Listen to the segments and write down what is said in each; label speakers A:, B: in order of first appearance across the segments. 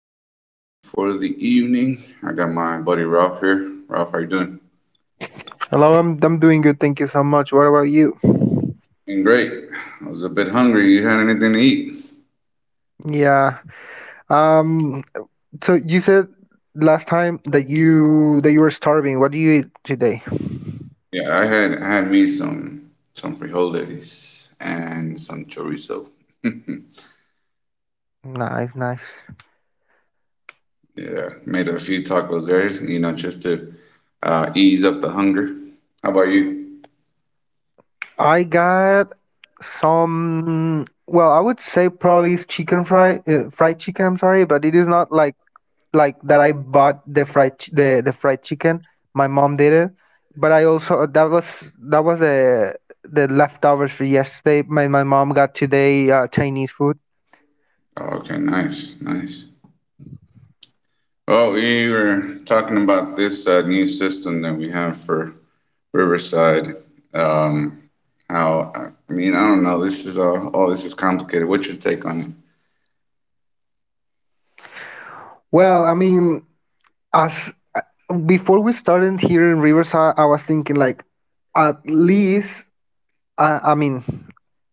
A: podcast for the evening. I got my buddy Ralph here. Ralph, how you doing?
B: Hello, I'm doing good. Thank you so much. What about you?
A: Doing great. I was a bit hungry. You had anything to eat?
B: Yeah. Um. So you said last time that you were starving. What do you eat today?
A: Yeah, I had me some frijoles and some chorizo.
B: Nice, nice.
A: Yeah, made a few tacos there, you know, just to ease up the hunger. How about you?
B: I got some. Well, I would say probably it's chicken fry, fried chicken. I'm sorry, but it is not like that. I bought the fried ch- the fried chicken. My mom did it, but I also that was a the leftovers for yesterday. My mom got today Chinese food.
A: Oh, okay, nice, nice. Well, we were talking about this new system that we have for Riverside. Um, how, I mean, I don't know. This is all this is complicated. What's your take on it?
B: Well, I mean, as before we started here in Riverside, I was thinking like, at least, I mean,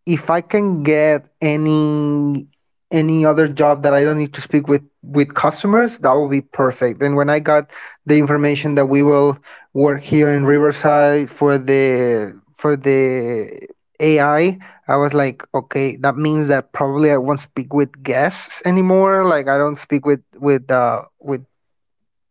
B: if I can get any other job that I don't need to speak with customers, that would be perfect. And when I got the information that we will work here in Riverside for the AI, I was like, okay, that means that probably I won't speak with guests anymore. Like I don't speak with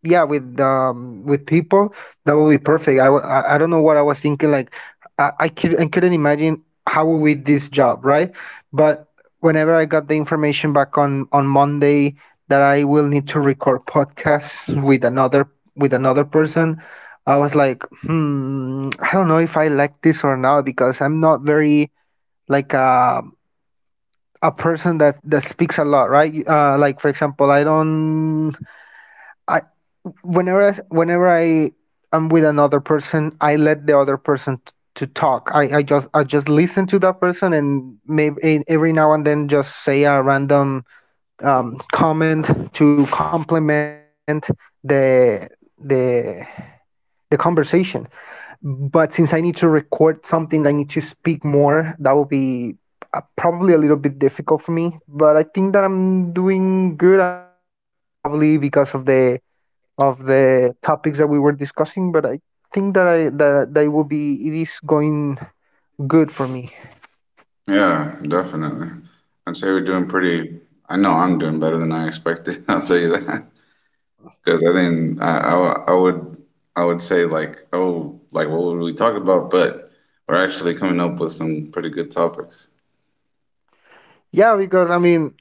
B: yeah with people that would be perfect. I don't know what I was thinking like I couldn't imagine how would we did this job, right? But whenever I got the information back on monday that I will need to record podcasts with another person, I was like, hmm, I don't know if I like this or not because I'm not very like a person that that speaks a lot, right? Uh, like for example, I don't I, whenever whenever I am with another person, I let the other person t- to talk. I just listen to that person and maybe every now and then just say a random comment to complement the the conversation. But since I need to record something, I need to speak more. That will be probably a little bit difficult for me. But I think that I'm doing good. I mean, probably because of the topics that we were discussing, but I think that I that that will be it is going good for me.
A: Yeah, definitely. I'd say we're doing I know I'm doing better than I expected. I'll tell you that. Because I didn't, I, w- I would say like, oh, like what would we talk about? But we're actually coming up with some pretty good topics.
B: Yeah, because I mean,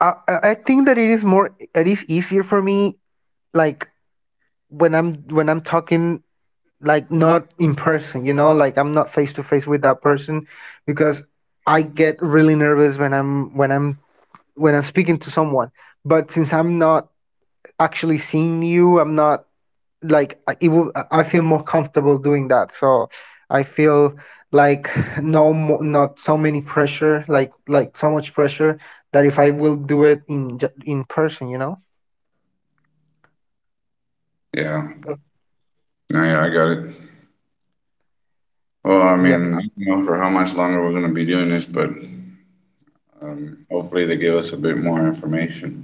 B: I think that it is more it is easier for me like when I'm talking like not in person, you know, like I'm not face to face with that person because I get really nervous when I'm speaking to someone. But since I'm not actually seeing you, I'm not like it would, I feel more comfortable doing that. So I feel like no, not so many pressure, like so much pressure that if I will do it in in person, you know.
A: Yeah. No, yeah, I got it. Well, I
B: Yeah.
A: mean, I don't know for how much longer we're going to be doing this, but hopefully they give us a bit more information.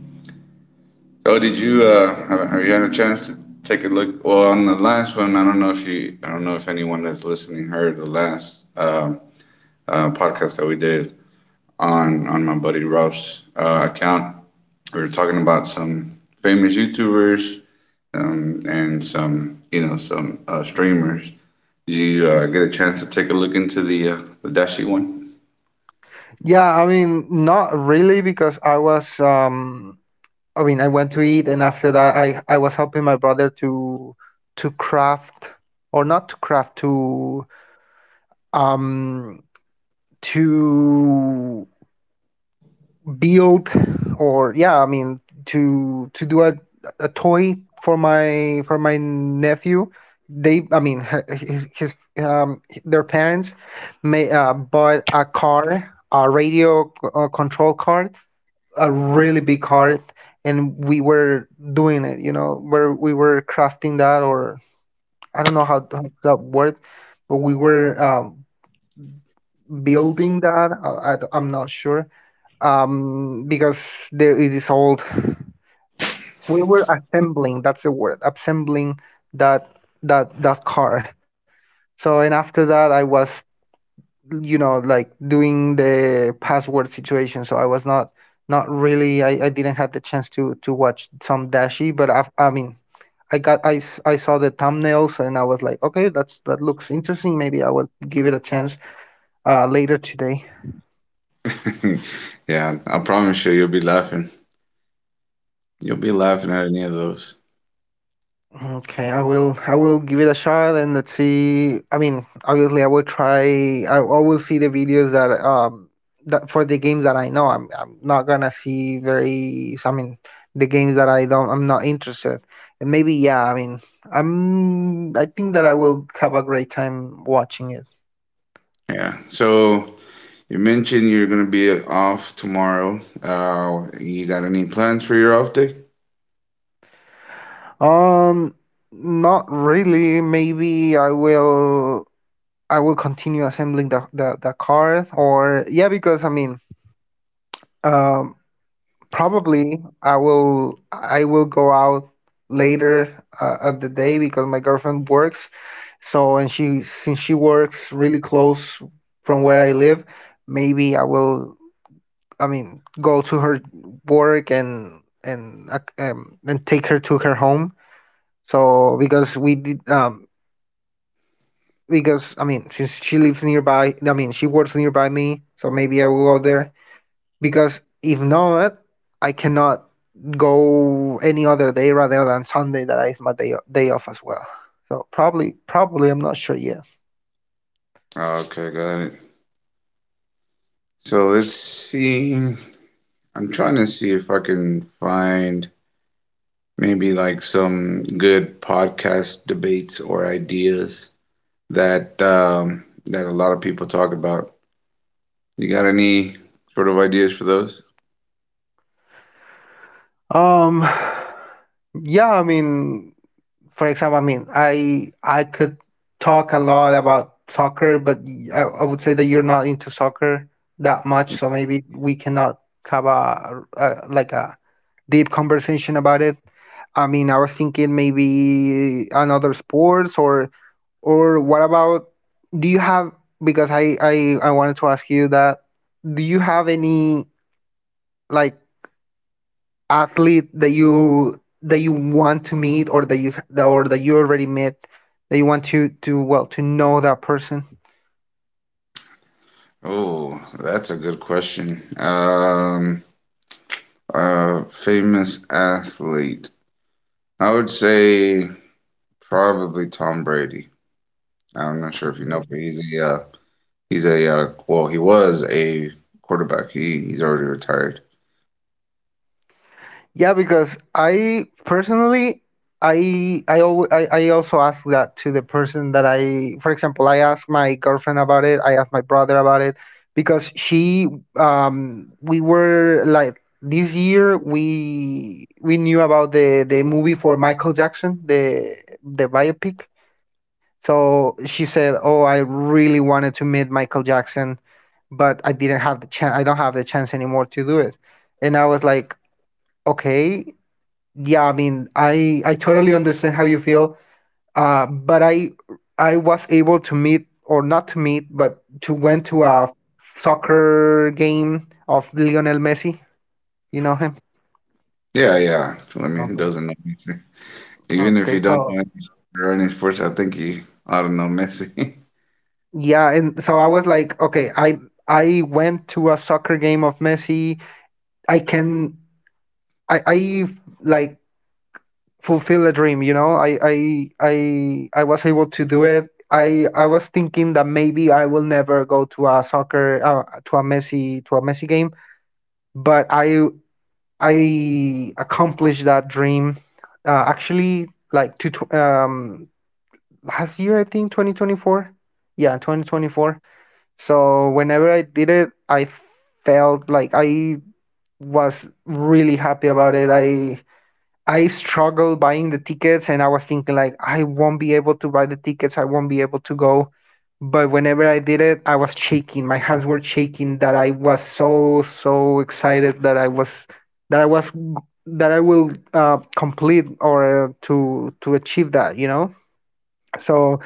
A: Oh, have you had a chance to take a look? Well, on the last one, I don't know if anyone that's listening heard the last podcast that we did on my buddy Ralph's account. We were talking about some famous YouTubers and some streamers. Did you get a chance to take a look into the Dashi one?
B: Yeah, I mean, not really because I was I mean, I went to eat and after that I was helping my brother to craft or not to craft to um to build, or yeah I mean to do a toy for my nephew. They, I mean, his their parents may bought a car, a radio control card, a really big card, and we were doing it, you know, where we were crafting that, or I don't know how that word. But we were building that. I'm not sure because there it is old. We were assembling, that's the word, assembling that car. So, and after that I was, you know, like doing the password situation. So I was not not really, I didn't have the chance to watch some dashi. But I mean, I got I saw the thumbnails and I was like, okay, that's that looks interesting, maybe I will give it a chance later today.
A: Yeah, I promise you, you'll be laughing. You'll be laughing at any of those.
B: Okay, I will give it a shot and let's see. I mean, obviously I will try I will see the videos that that for the games that I know. I'm not gonna see very, I mean, the games that I don't, I'm not interested. And maybe yeah, I mean, I think that I will have a great time watching it.
A: Yeah. So. You mentioned you're gonna be off tomorrow. You got any plans for your off day?
B: Um not really. Maybe I will continue assembling the the card, or yeah because I mean um probably I will go out later at the day because my girlfriend works. So and she, since she works really close from where I live, maybe I will, I mean, go to her work and and take her to her home. So because we did because I mean, since she lives nearby, I mean she works nearby me, so maybe I will go there because if not, I cannot go any other day rather than Sunday, that is my day off as well. So probably I'm not sure yet.
A: Okay, got it. So let's see. I'm trying to see if I can find maybe like some good podcast debates or ideas that a lot of people talk about. You got any sort of ideas for those?
B: Um yeah, I mean, for example, I mean I could talk a lot about soccer, but I would say that you're not into soccer that much, so maybe we cannot have a like a deep conversation about it. I mean, I was thinking maybe another sports, or what about, do you have, because I wanted to ask you that, do you have any like athlete that you want to meet, or that you, or that you already met, that you want to to know that person?
A: Oh, that's a good question. Famous athlete. I would say probably Tom Brady. I'm not sure if you know, but he's a well, he was a quarterback. He's already retired.
B: Yeah, because I personally, I always I also ask that to the person that I, for example, I asked my girlfriend about it. I asked my brother about it because we were like, this year we knew about the movie for Michael Jackson, the biopic. So she said, "Oh, I really wanted to meet Michael Jackson, but I didn't have the chance. I don't have the chance anymore to do it." And I was like, "Okay." Yeah, I mean, I totally understand how you feel. But I was able to meet, or not to meet, but to went to a soccer game of Lionel Messi. You know him?
A: Yeah, yeah. I mean, who
B: Okay.
A: doesn't know Messi? Even if
B: Okay.
A: you don't know
B: So,
A: any soccer or any sports, I think you ought to know Messi.
B: yeah, and so I was like, okay, I went to a soccer game of Messi. I can I like fulfill a dream, you know. I was able to do it. I was thinking that maybe I will never go to a soccer to a messi game, but I accomplished that dream actually, like, last year, I think 2024, yeah, 2024. So whenever I did it, I felt like I was really happy about it. I struggled buying the tickets and I was thinking like I won't be able to buy the tickets, I won't be able to go. But whenever I did it, I was shaking. My hands were shaking, that I was so so excited that I was that I was that I will complete or to achieve that, you know? So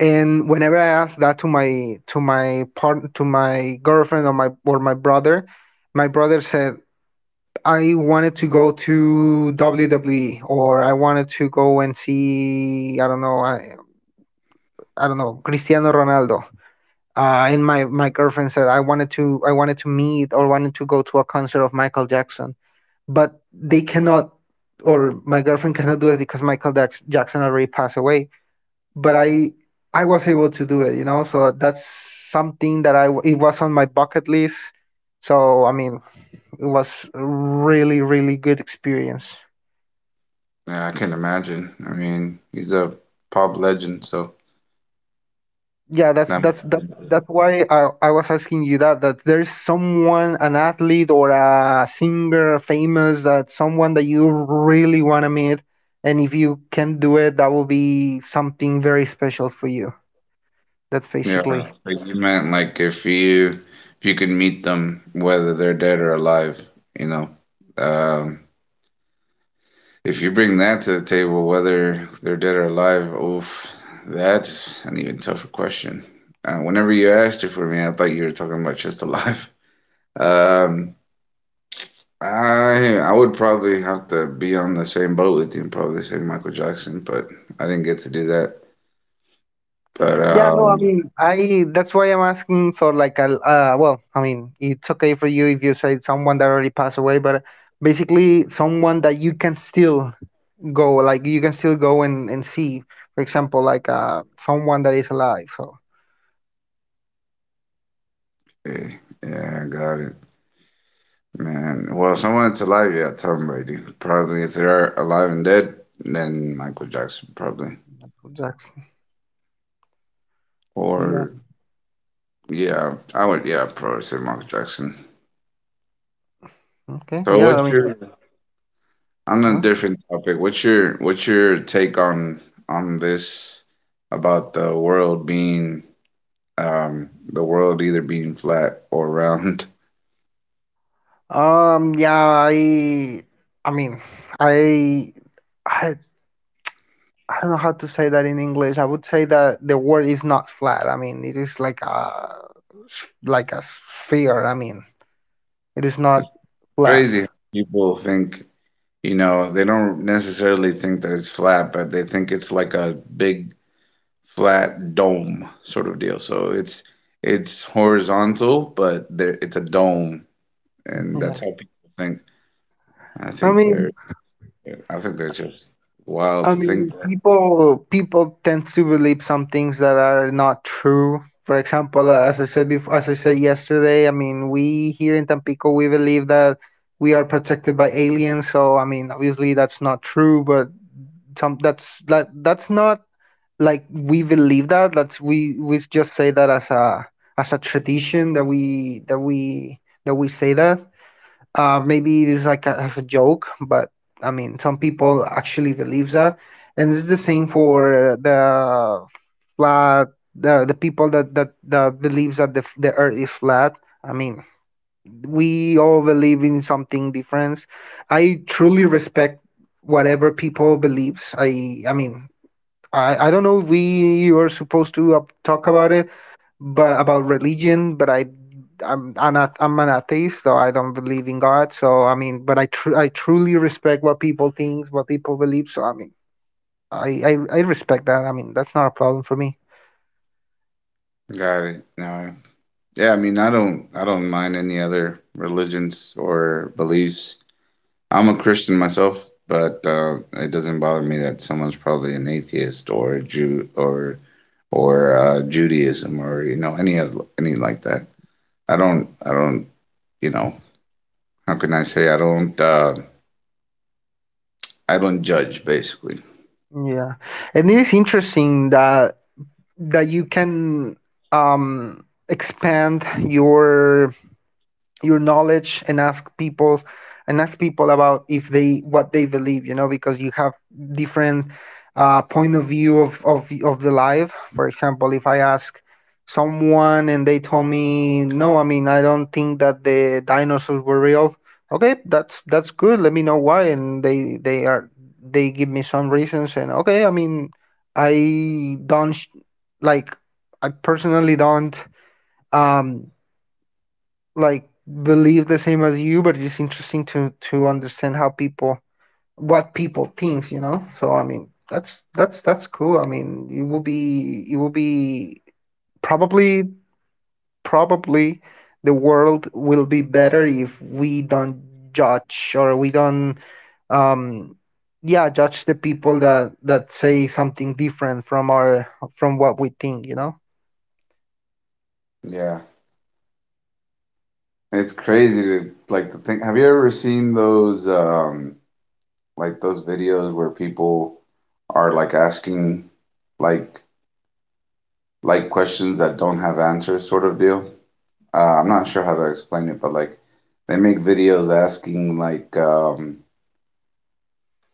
B: and whenever I asked that to my part to my girlfriend, or my brother said, I wanted to go to WWE, or I wanted to go and see, I don't know, I don't know, Cristiano Ronaldo. And my girlfriend said I wanted to meet, or wanted to go to a concert of Michael Jackson, but they cannot, or my girlfriend cannot do it because Michael Jackson already passed away. But I was able to do it, you know. So that's something that I, it was on my bucket list. So I mean, it was really really good experience.
A: Yeah, I can imagine. I mean, he's a pop legend, so
B: Yeah, that's
A: that must
B: that's
A: have
B: that
A: been-
B: that's why I was asking you that, that there's someone, an athlete, or a singer famous, that someone that you really want to meet, and if you can do it, that will be something very special for you. That's
A: yeah.
B: basically.
A: Like you meant like if you could meet them, whether they're dead or alive, you know. Um, If you bring that to the table, whether they're dead or alive, oof, that's an even tougher question. Whenever you asked it for me, I thought you were talking about just alive. Um, I would probably have to be on the same boat with you and probably say Michael Jackson, but I didn't get to do that. But
B: Yeah, no, I mean I, that's why I'm asking for like a I mean, it's okay for you if you say someone that already passed away, but basically someone that you can still go, like you can still go and see, for example, like someone that is alive. So
A: eh, yeah, I got it, man. Well, someone that's alive, yeah, Tom Brady. Probably if they are alive and dead, then Michael Jackson, probably.
B: that's, yeah.
A: Or yeah, I would. Yeah, probably say Michael Jackson.
B: Okay,
A: So,
B: yeah, I
A: what's
B: mean,
A: your on a
B: uh,
A: different topic? What's your take on this about the world either being flat or round?
B: yeah, i I mean, i i i don't know how to say that in english. I would say that the world is not flat. I mean, it is like a like a sphere, I mean, it is
A: It's
B: not flat.
A: crazy how people think, they don't necessarily think that it's flat, but they think it's like a big flat dome sort of deal. So it's horizontal, but there it's a dome, and
B: Yeah,
A: that's how people think. I
B: I
A: think they're
B: mean,
A: Yeah, I think they're just wild
B: I
A: to think
B: mean,
A: that.
B: people tend to believe some things that are not true. For example, as I said before, as I said yesterday, I mean, we here in Tampico, we believe that we are protected by aliens. So, I mean, obviously that's not true, but some that's that that's not like we believe that. That's we just say that as a tradition that we say that. Maybe it is like as a joke, but I mean, some people actually believe that, and it's the same for the flat the people that believes that the earth is flat. I mean, we all believe in something different. I truly respect whatever people believes. I mean, I don't know if we are supposed to talk about it but about religion. But I'm an atheist, so I don't believe in God. So I mean, but I truly respect what people think, what people believe. So I mean, I, I I respect that. I mean, that's not a problem for me.
A: Got it. No. Yeah, I mean, I don't mind any other religions or beliefs. I'm a Christian myself, but it doesn't bother me that someone's probably an atheist or a Jew or Judaism or you know any other any like that. I don't, you know, how can I say , I don't judge basically.
B: Yeah, and it is interesting that you can expand your knowledge and ask people about if they what they believe, you know, because you have different point of view of the life. For example, if I ask someone and they told me, no, I mean, I don't think that the dinosaurs were real. Okay, that's good, let me know why. And they give me some reasons, and okay, I mean, I don't like, I personally don't um like believe the same as you, but it's interesting to understand how people what people thinks, you know. So I mean, that's cool. I mean, it will be probably probably the world will be better if we don't judge, or we don't, um yeah, judge the people that say something different from our from what we think, you know.
A: Yeah. It's crazy to like to think. Have you ever seen those like those videos where people are like asking like like questions that don't have answers sort of deal. I'm not sure how to explain it, but like they make videos asking like um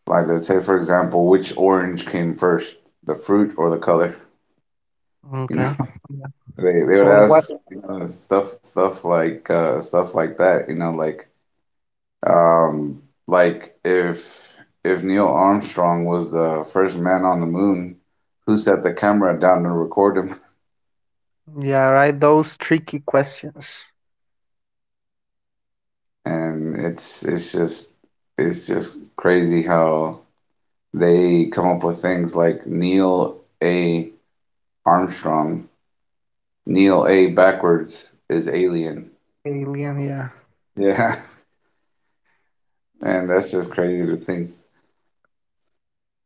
A: like let's say for example which orange came first, the fruit or the color, you know.
B: Okay.
A: They would
B: Or what?
A: ask stuff like stuff like that. Like if Neil Armstrong was the first man on the moon, who set the camera down to record him?
B: Yeah, right. Those tricky questions.
A: And it's just crazy how they come up with things like Neil A. Armstrong, Neil A. backwards is alien.
B: Alien. Yeah.
A: Yeah, and that's just crazy to think.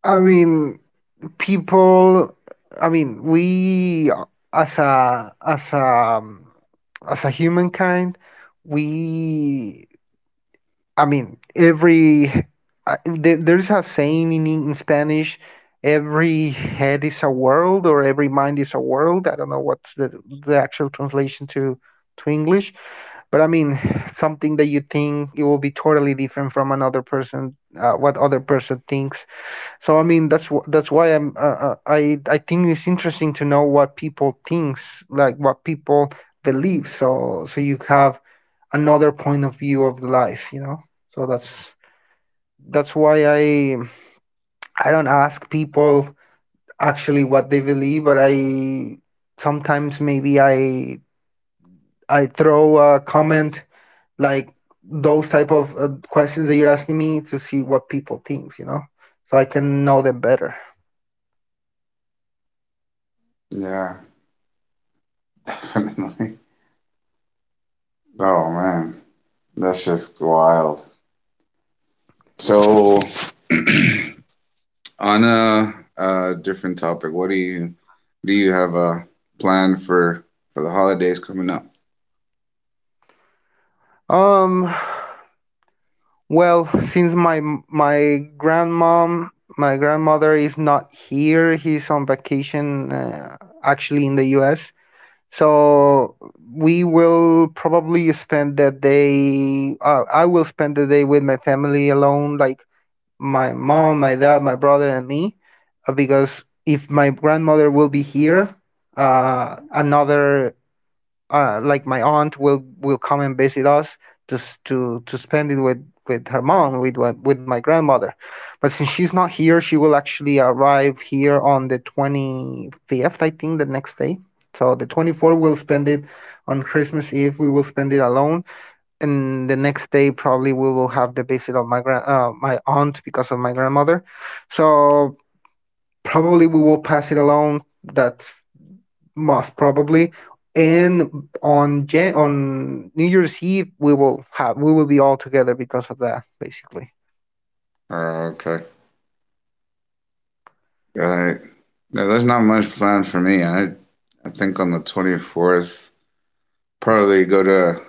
B: I mean, people. I mean, we as a as a as a humankind, we. I mean, there's a saying in Spanish: "Every head is a world, or every mind is a world." I don't know what's the actual translation to English, but I mean, something that you think it will be totally different from another person, what other person thinks. So I mean, that's that's why I'm I think it's interesting to know what people thinks, like what people believe, so you have another point of view of the life, you know. So that's why I don't ask people actually what they believe, but I sometimes maybe I throw a comment like those type of questions that you're asking me, to see what people thinks, you know, so I can know them better.
A: Yeah, definitely. Oh man, that's just wild. So. On a different topic, what do you have a plan for the holidays coming up?
B: um Well, since my grandmom, my grandmother is not here. He's on vacation, actually in the U.S. So we will probably spend that day. I will spend the day with my family alone, like my mom, my dad, my brother, and me, because if my grandmother will be here, another like my aunt will come and visit us, just to spend it with her mom, with my grandmother. But since she's not here, she will actually arrive here on the 25th, I think, the next day, so the 24th we'll spend it on Christmas Eve we will spend it alone, and the next day probably we will have the visit of my aunt, because of my grandmother. So probably we will pass it alone. That's most probably. And on New Year's Eve, we will be all together because of that, basically.
A: Okay. Right. No, there's not much planned for me. I think on the 24th, probably go to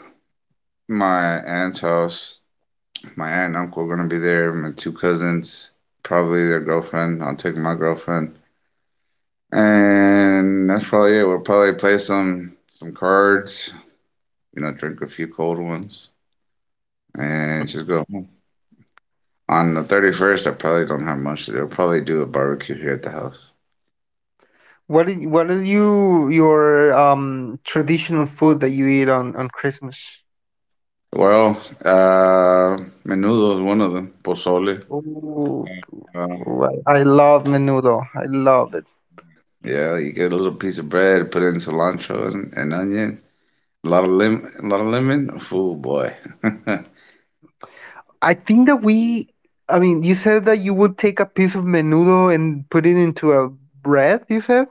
A: my aunt's house. My aunt and uncle are gonna be there, my two cousins, probably their girlfriend. I'll take my girlfriend. And that's probably it. We'll probably play some cards, drink a few cold ones and just go home. On the 31st, I probably don't have much to do. I'll probably do a barbecue here at the house.
B: What are your traditional food that you eat on Christmas?
A: Well, menudo is one of them. Pozole.
B: Ooh,
A: Um,
B: I love menudo. I love it.
A: yeah, you get a little piece of bread, put in cilantro and onion, a lot of lemon. Fool boy.
B: I think I mean, you said that you would take a piece of menudo and put it into a bread, you said?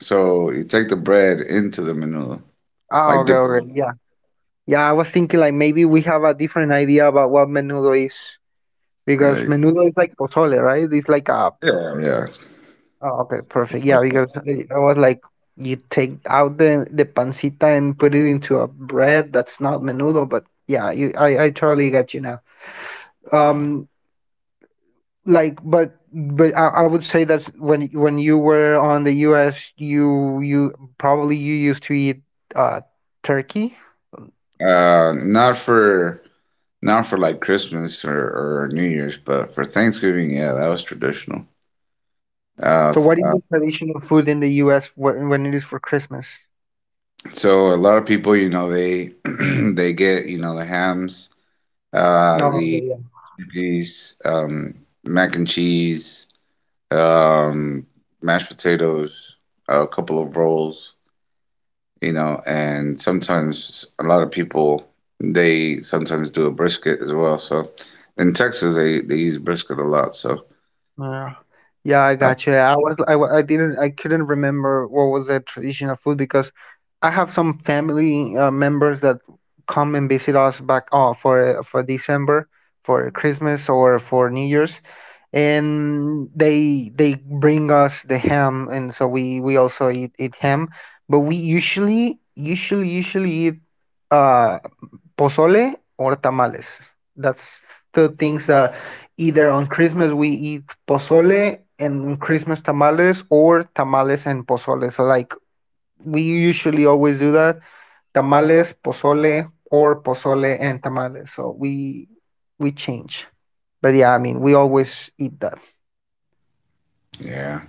A: So you take the bread into the menudo,
B: Oh,
A: like
B: okay,
A: dip it in.
B: okay, yeah. Yeah, I was thinking, like, maybe we have a different idea about what menudo is. Because
A: Right.
B: menudo is like pozole, right? It's like a.
A: Yeah,
B: Oh, okay, perfect. Yeah, because I was like, you take out the pancita and put it into a bread. That's not menudo, but yeah, I totally get you now. Um, like, but I would say that's when you were on the U.S., you probably you used to eat uh turkey.
A: yeah. Not for like Christmas or New Year's, but for Thanksgiving, yeah, that was traditional. Uh,
B: So what is the traditional food in the U.S. When it is for Christmas?
A: So a lot of people, they they get, the hams,
B: No.
A: the turkeys, mac and cheese, um, mashed potatoes, a couple of rolls, and sometimes a lot of people they sometimes do a brisket as well. So in Texas, they use brisket a lot. So
B: Yeah, yeah, I
A: uh,
B: got you. I didn't, I couldn't remember what was the traditional food, because I have some family members that come and visit us back for December, for Christmas or for New Year's, and they bring us the ham, and so we also eat, ham, but we usually eat uh pozole or tamales. That's two things: that either on Christmas we eat pozole and Christmas tamales, or tamales and pozole. So, like, we usually always do that, tamales, pozole, or pozole and tamales. So we change. But yeah, I mean, we always eat that.
A: yeah,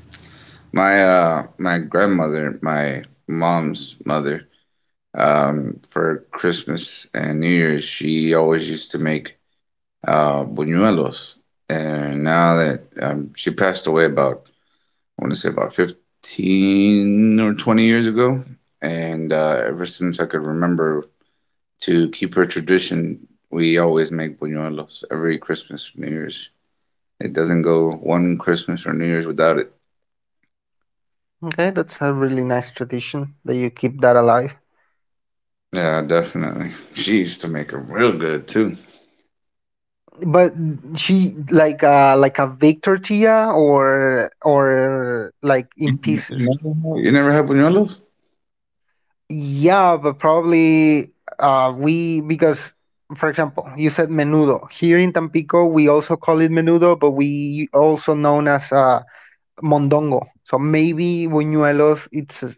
A: my grandmother, my mom's mother, for Christmas and New Year's, she always used to make buñuelos. And now that she passed away about, I want to say about 15 or 20 years ago. And ever since I could remember to keep her tradition, we always make buñuelos every Christmas, New Year's. It doesn't go one Christmas or New Year's without it.
B: Okay, that's a really nice tradition that you keep that alive.
A: Yeah, definitely. She used to make them real good too.
B: But she like, like, a baked tortilla or like in
A: You
B: pieces.
A: never, you never had buñuelos?
B: Yeah, but probably, we, because, for example, you said menudo. Here in Tampico, we also call it menudo, but we also known as mondongo. So maybe buñuelos, it's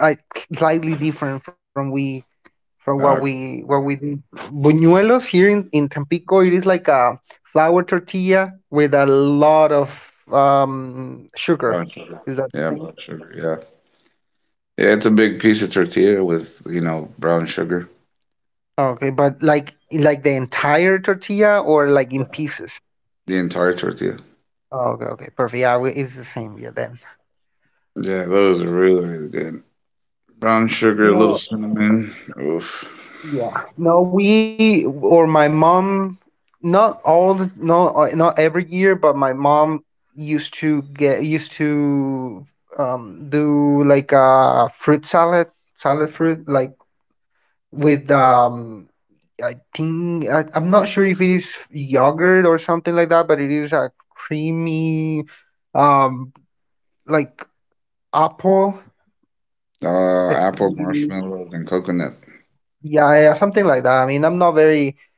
B: I- slightly different from we from what
A: Uh,
B: we do. Buñuelos here in Tampico, it is like a flour tortilla with a lot of sugar.
A: Brown sugar.
B: Is that the
A: Yeah,
B: thing?
A: brown sugar. Yeah. Yeah, it's a big piece of tortilla with brown sugar.
B: Okay, but like the entire tortilla or like in pieces?
A: The entire tortilla.
B: Okay, okay, perfect. Yeah, it's the same. Yeah, then.
A: Yeah, those are really, really good. Brown sugar, a little
B: No,
A: cinnamon. Oof.
B: yeah, no, we or my mom, not all the, no, not every year, but my mom used to do, like, a fruit salad, salad fruit, like, with I think, I'm not sure if it is yogurt or something like that, but it is a creamy, um like, Apple, I
A: Apple
B: think-
A: marshmallows and coconut.
B: yeah, yeah, something like that. I mean, I'm not very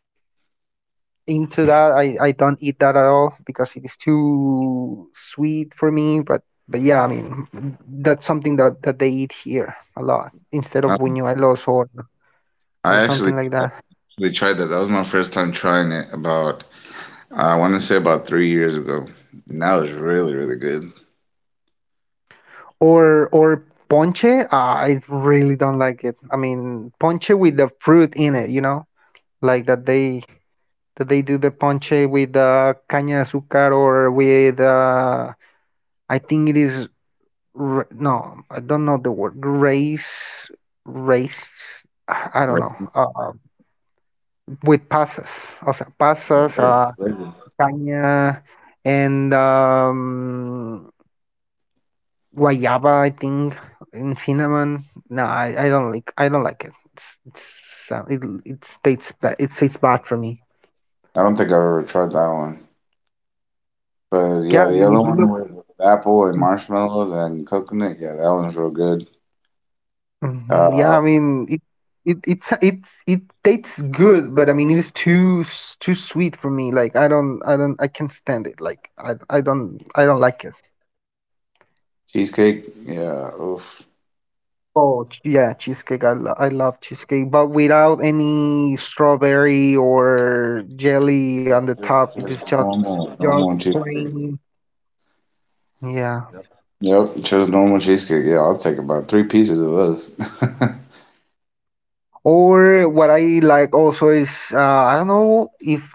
B: into that. I don't eat that at all because it is too sweet for me. But yeah, I mean, that's something that they eat here a lot instead of
A: I,
B: buñuelos or
A: I
B: something
A: actually
B: like that.
A: really tried that. That was my first time trying it about, I want to say about 3 years ago. And that was really, really good.
B: Or ponche. Ah, I really don't like it. I mean, ponche with the fruit in it, you know, like that they do the ponche with caña de azúcar, or with, I think it is, no, I don't know the word, race. I don't know.
A: Right.
B: With passes, o sea, pasas,
A: Right, right.
B: caña, and guayaba. I think, and cinnamon. No, I don't like. I don't like it. It's, it it tastes ba- it tastes bad for me.
A: I don't think I've ever tried that one. But yeah,
B: Yeah, I
A: the
B: mean,
A: other
B: if you
A: one
B: look.
A: with apple and marshmallows and coconut, yeah, that one's real good.
B: Yeah, I
A: Uh,
B: mean, it's, it tastes good, but I mean it is too sweet for me. Like, I can't stand it. Like, I don't I don't like it.
A: Cheesecake, yeah, oof.
B: Yeah, cheesecake. I love cheesecake, but without any strawberry or jelly
A: Yeah,
B: on the
A: just,
B: top, it is
A: just
B: just
A: normal, normal cheesecake.
B: plain. Yeah.
A: Yep, just normal cheesecake. Yeah, I'll take about three pieces of those.
B: Or what I like also is, I don't know if,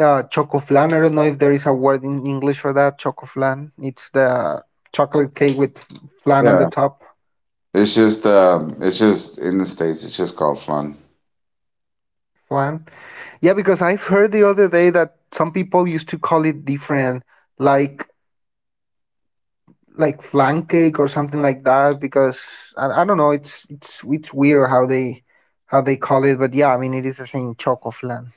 B: choco flan. I don't know if there is a word in English for that. Choco flan. It's the chocolate cake with flan on the
A: Yeah,
B: top.
A: it's just in the States, it's just called flan.
B: Flan. Yeah, because I've heard the other day that some people used to call it different, like, flan cake or something like that. Because I don't know. It's weird how they call it. But yeah, I mean, it is the same, choco flan,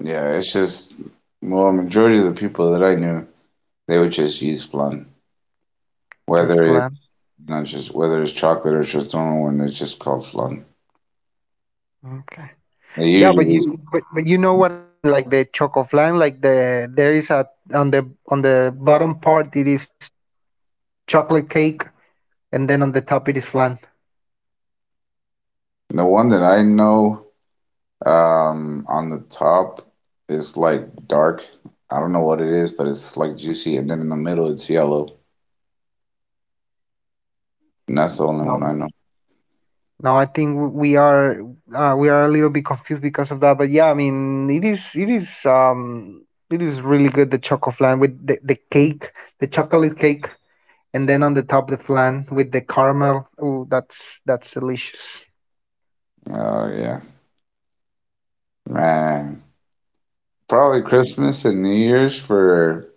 A: Yeah, well, majority of the people that I knew, they would just use flan.
B: just
A: Whether it's
B: flan.
A: not just, whether it's chocolate or it's just normal one, it's just called flan.
B: Okay.
A: They
B: Yeah,
A: usually
B: but you know what I mean, like the chocolate flan, there is a on the bottom part it is chocolate cake, and then on the top it is flan.
A: The one that I know on the top is like dark. I don't know what it is, but it's like juicy, and then in the middle it's yellow. And that's the only
B: No,
A: one I know.
B: no, I think we are a little bit confused because of that. But yeah, I mean it is really good, the chocolate flan with the cake, the chocolate cake, and then on the top the flan with the caramel. Oh, that's delicious.
A: Oh yeah, man. Probably Christmas and New Year's for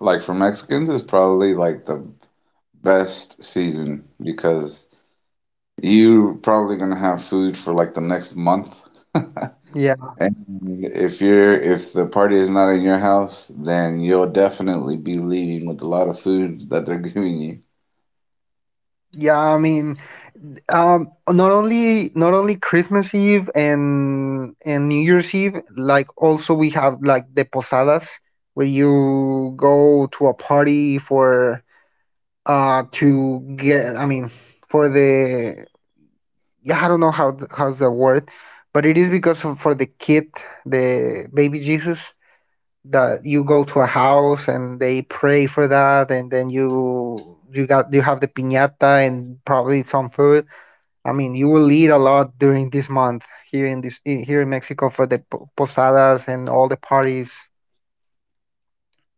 A: for Mexicans is probably like the best season because you probably gonna have food for like the next month.
B: Yeah.
A: And if the party is not in your house, then you'll definitely be leaving with a lot of food that they're giving you.
B: Yeah, I mean, not only Christmas Eve and New Year's Eve. Like, also we have like the posadas where you go to a party for to get I mean for the, yeah, I don't know how how's the word, but it is because of, for the kid, the baby Jesus, that you go to a house and they pray for that, and then you got you have the piñata and probably some food. I mean, you will eat a lot during this month here in here in Mexico for the posadas and all the parties.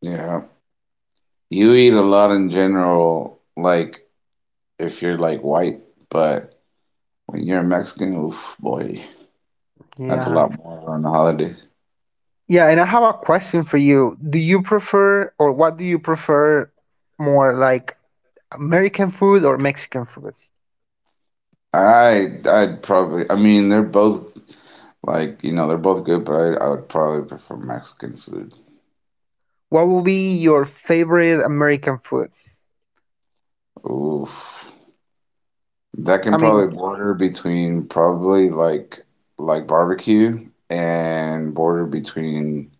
A: Yeah. You eat a lot in general, like if you're like white, but when you're Mexican, oof, boy, that's a
B: Yeah.
A: lot more on the holidays.
B: Yeah, and I have a question for you. Do you prefer, or what do you prefer more, like American food or Mexican food?
A: I'd probably, I mean, they're both like, you know, they're both good, but I would probably prefer Mexican food.
B: What would be your favorite American food?
A: Oof. That can
B: I mean,
A: probably border between probably like barbecue and border between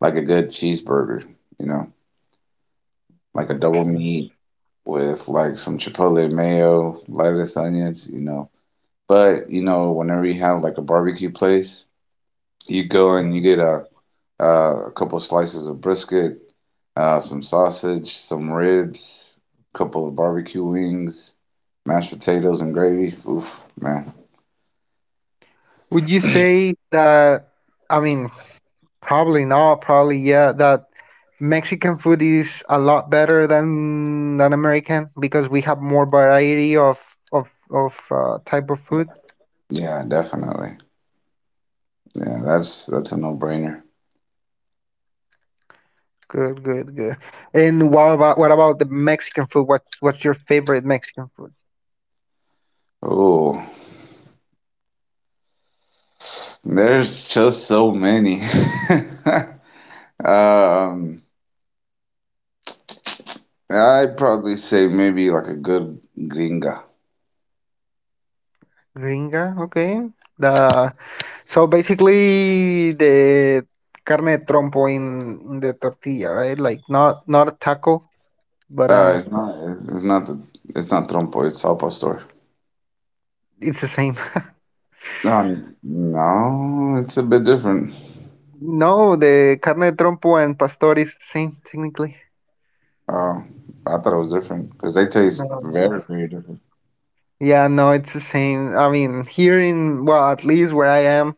A: like a good cheeseburger, you know, like a double meat with like some chipotle mayo, lettuce, onions, you know. But whenever you have like a barbecue place, you go and you get a couple slices of brisket, some sausage, some ribs, a couple of barbecue wings, mashed potatoes and gravy. Oof, man.
B: would you say that, I mean, probably not, probably yeah, that Mexican food is a lot better than American, because we have more variety of type of food.
A: Yeah, definitely. Yeah, that's a no-brainer.
B: Good, good, good. And what about the Mexican food? What's your favorite Mexican food?
A: Oh, there's just so many. Um, I'd probably say maybe like a good gringa.
B: Gringa, okay. The, so basically the carne de trompo in the tortilla, right? Like, not not a taco, but
A: It's not it's, it's not the, it's not trompo, it's al pastor.
B: it's the same.
A: No, it's a bit different.
B: No, the carne de trompo and pastor is the same technically.
A: Oh, I thought it was different because they taste very,
B: No.
A: very different.
B: Yeah, no, it's the same. I mean, here in, well, at least where I am,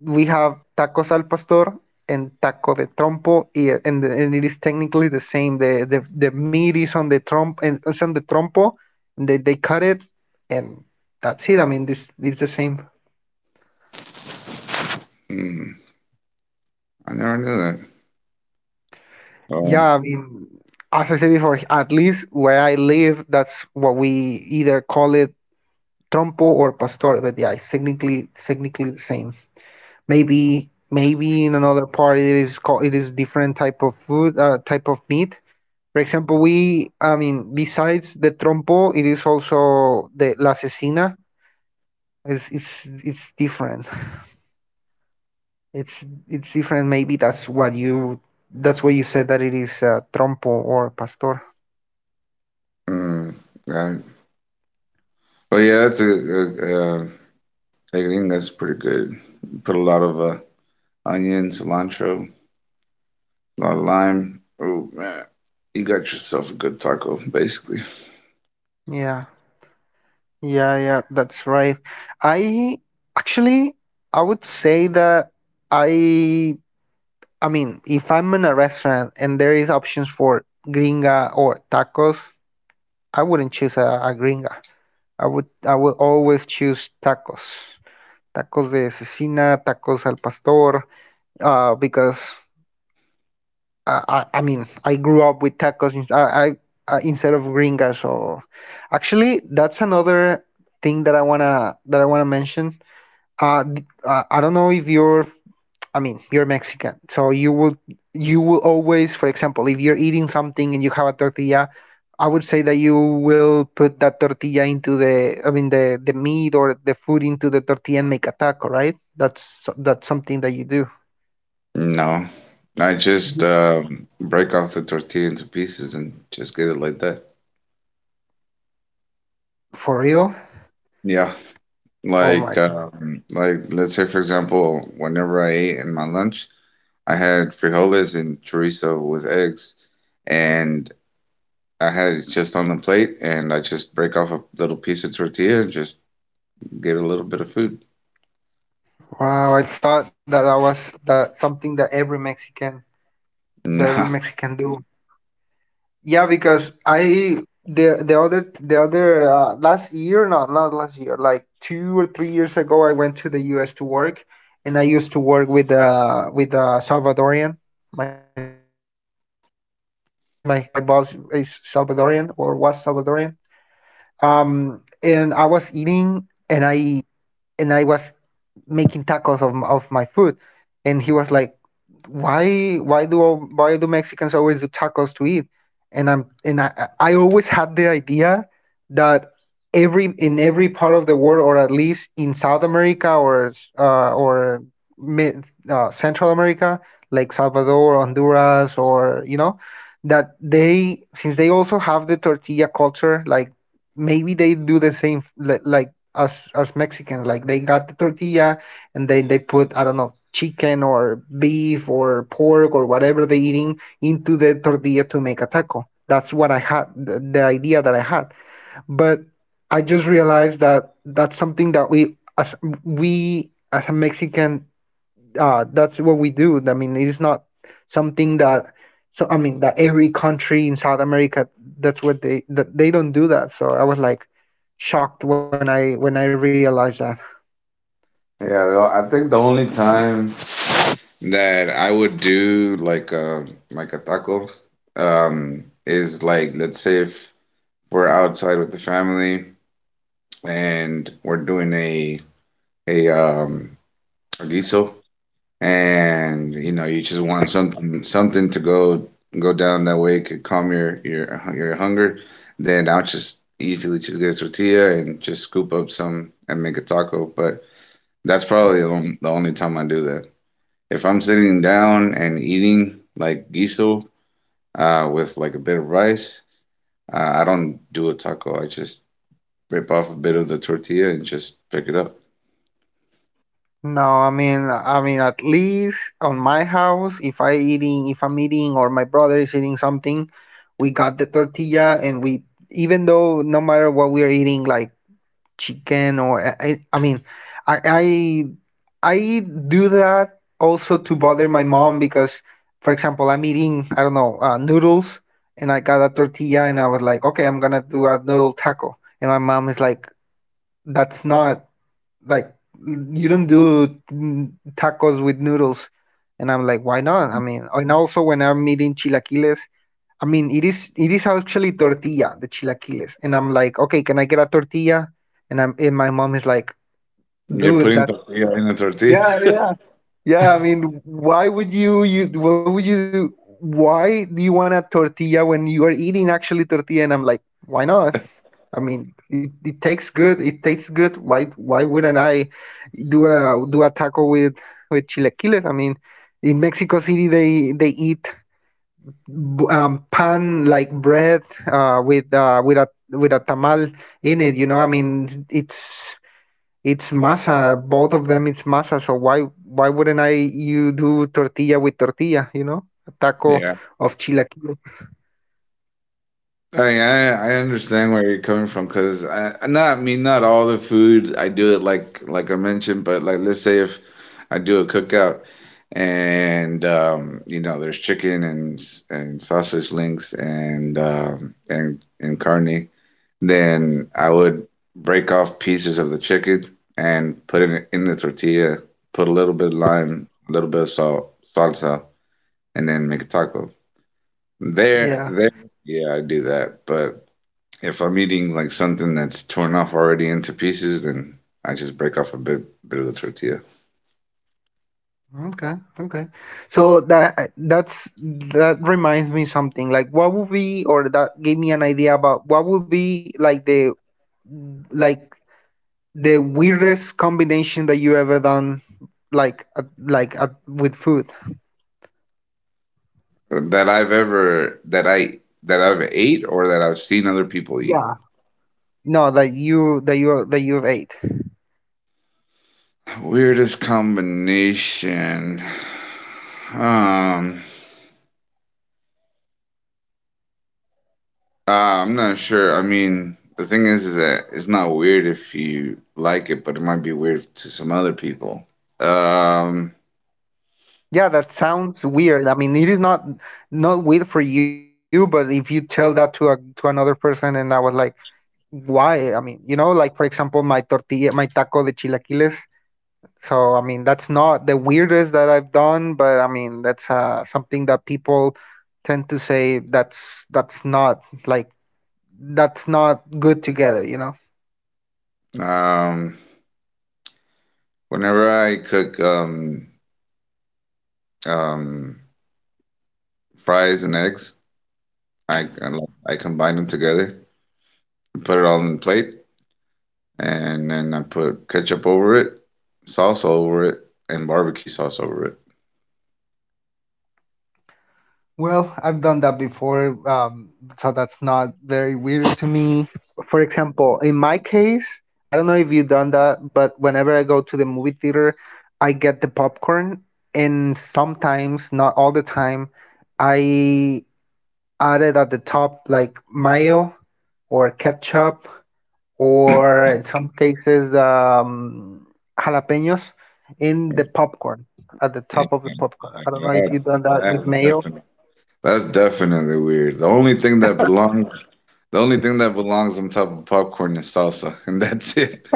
B: we have tacos al pastor and taco de trompo, and it is technically the same. The meat is on the tromp and it's on the trompo, and they cut it, and that's it. I mean, this is the same.
A: Hmm, I never knew that. Oh,
B: Yeah, I mean, as I said before, at least where I live, that's what we either call it, trompo or pastor, but yeah, it's technically the same. Maybe in another part it is called, it is different type of food, type of meat. For example, we, I mean, besides the trompo, it is also the la cecina. It's it's different. It's different. Maybe that's what you, that's what you said, that it is trompo or pastor.
A: mm, got it. But yeah, that's a gringa's pretty good. Put a lot of onion, cilantro, a lot of lime. Oh man, you got yourself a good taco, basically.
B: Yeah, yeah, yeah, that's right. I, actually, I would say that I I mean, if I'm in a restaurant and there is options for gringa or tacos, I wouldn't choose a gringa. I would always choose tacos. Tacos de cecina, tacos al pastor, because I mean, I grew up with tacos in, instead of gringa. So actually, that's another thing that I wanna mention. I don't know if you're, I mean, you're Mexican, so you would, you will always, for example, if you're eating something and you have a tortilla, I would say that you will put that tortilla into the, I mean, the meat or the food into the tortilla and make a taco, right? That's something that you do.
A: No, I just
B: Mhm.
A: break off the tortilla into pieces and just get it like that.
B: For real?
A: Yeah,
B: Oh
A: like
B: my!
A: um, like let's say, for example, whenever I ate in my lunch, I had frijoles and chorizo with eggs, and I had it just on the plate, and I just break off a little piece of tortilla and just get a little bit of food.
B: Wow, I thought that that was that something that every Mexican, that every
A: No.
B: Mexican do. Yeah, because I, the other, the other last year, not not last year, like 2 or 3 years ago, I went to the U.S. to work, and I used to work with Salvadorian. My my my boss is Salvadorian, or was Salvadorian. And I was eating, and I was making tacos of of my food, and he was like, why do all, why do Mexicans always do tacos to eat? And I'm, and I always had the idea that, every, in every part of the world, or at least in South America, or mid, Central America, like Salvador, Honduras, or you know, that they, since they also have the tortilla culture, like, maybe they do the same, like as Mexicans, like they got the tortilla and then they put, I don't know, chicken or beef or pork or whatever they're eating into the tortilla to make a taco. That's what I had, the idea that I had. But I just realized that that's something that we as a Mexican, that's what we do. I mean, it's not something that, so I mean that every country in South America, that's what they, that they don't do that. So I was like shocked when I realized that.
A: Yeah, the- I think the only time that I would do like a taco is, like, let's say if we're outside with the family and we're doing a um a guiso and, you know, you just want something to go down, that way could calm your hunger, then I'll just easily just get a tortilla and just scoop up some and make a taco. But that's probably the only time I do. If I'm sitting down and eating like guiso with like a bit of rice, I don't do a taco. I just rip off a bit of the tortilla and just pick it up.
B: No, I mean, at least on my house, if I eating, if I'm eating, or my brother is eating something, we got the tortilla, and we, even though, no matter what we are eating, like chicken or, I, I, I do that also to bother my mom because, for example, I'm eating, I don't know, noodles, and I got a tortilla, and I was like, okay, I'm gonna do a noodle taco, and my mom is like, that's not, like, you don't do tacos with noodles. And I'm like, why not? I mean, and also when I'm eating chilaquiles. I mean, it is actually tortilla, the chilaquiles, and I'm like, okay, can I get a tortilla? And I'm and my mom is like,
A: You're
B: dude,
A: putting
B: that,
A: tortilla in a tortilla.
B: yeah, yeah, yeah. I mean, why would you what would you, why do you want a tortilla when you are eating actually tortilla? And I'm like, why not? I mean, it tastes good. It tastes good. Why wouldn't I do a taco with chilaquiles? I mean, in Mexico City they eat pan, like bread, with a tamal in it. You know, I mean, it's masa. Both of them, it's masa. So why wouldn't, I, you do tortilla with tortilla? You know, a taco
A: Yeah.
B: of chilaquiles.
A: I mean, I understand where you're coming from, because I mean, not all the food I do it like I mentioned, but, like, let's say if I do a cookout and you know there's chicken and sausage links and and carne. Then I would break off pieces of the chicken and put it in the tortilla, put a little bit of lime, a little bit of salt, salsa, and then make a taco. There,
B: Yeah.
A: there, yeah, I do that. But if I'm eating like something that's torn off already into pieces, then I just break off a bit of the tortilla.
B: Okay, okay. So that that's, that reminds me something, like, what would be, or that gave me an idea about what would be like the, like, the weirdest combination that you ever done, like, with food.
A: That I've ate, or that I've seen other people eat?
B: Yeah. No, that you, that you've ate.
A: Weirdest combination. Um, Uh, I'm not sure. I mean, the thing is that it's not weird if you like it, but it might be weird to some other people. Um,
B: Yeah, that sounds weird. I mean, it is not not weird for you, but if you tell that to a, to another person, and I was like, why? I mean, you know, like for example, my tortilla, my taco de chilaquiles. So I mean, that's not the weirdest that I've done, but I mean, that's something that people tend to say that's not, like, that's not good together, you know.
A: um, Whenever I cook um, fries and eggs, I combine them together, put it all in the plate, and then I put ketchup over it, sauce over it, and barbecue sauce over it.
B: Well, I've done that before, so that's not very weird to me. For example, in my case, I don't know if you've done that, but whenever I go to the movie theater, I get the popcorn, and sometimes, not all the time, I added at the top, like, mayo or ketchup, or in some cases, jalapenos in the popcorn, at the top of the popcorn. I don't
A: Yeah,
B: know if you've done that with
A: that,
B: mayo,
A: that's That's definitely weird. The only thing that belongs, the only thing that belongs on top of popcorn is salsa, and that's it.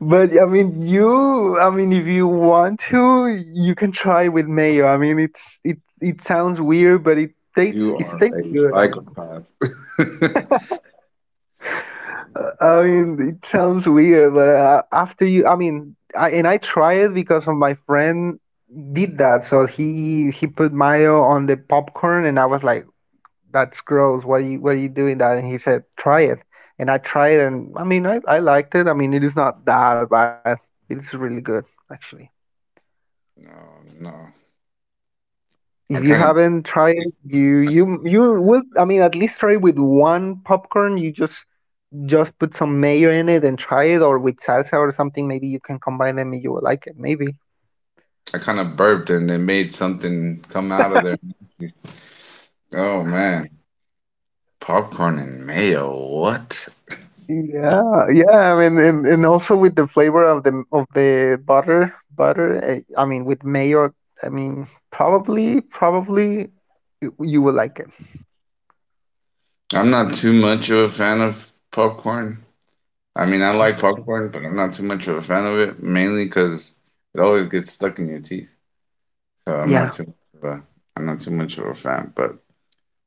B: but I mean, you, I mean, if you want to, you can try with mayo. I mean, it's, it sounds weird, but it tastes,
A: You
B: it
A: are
B: tastes
A: a
B: good.
A: psychopath.
B: I mean, it sounds weird, but after you, I mean, I, and I tried it because of my friend did that. So he put mayo on the popcorn, and I was like, "That's gross. Why, you, why are you doing that?" And he said, "Try it." And I tried, and I mean, I liked it. I mean, it is not that bad. It's really good, actually.
A: No, no.
B: If
A: I
B: you
A: kind of,
B: haven't tried it, you you will. I mean, at least try with one popcorn. You just put some mayo in it and try it, or with salsa or something. Maybe you can combine them, and you will like it. Maybe.
A: I kind of burped, and it made something come out of there. Nasty. Oh man, popcorn and mayo. What?
B: Yeah, yeah. I mean, and also with the flavor of the, of the butter, butter. Eh, I mean, with mayo. I mean, probably, probably you, you will like it.
A: I'm not too much of a fan of popcorn. I mean, I like
B: Okay.
A: popcorn, but I'm not too much of a fan of it, mainly because it always gets stuck in your teeth. So
B: Yeah,
A: I'm not too much of a fan. But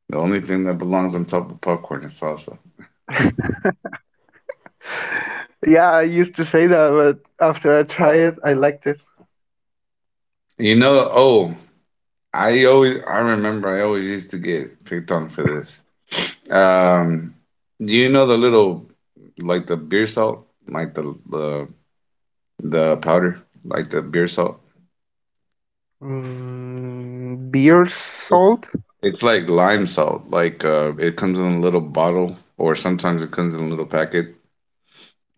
A: the only thing that belongs on top of popcorn is salsa.
B: yeah. I used to say that, but after I tried it, I liked it.
A: You know, oh, I always used to get picked on for this. Um, do you know the little, like, the beer salt, like the powder, like the beer salt?
B: Beer
A: It-
B: salt?
A: It's like lime salt. Like, it comes in a little bottle, or sometimes it comes in a little packet.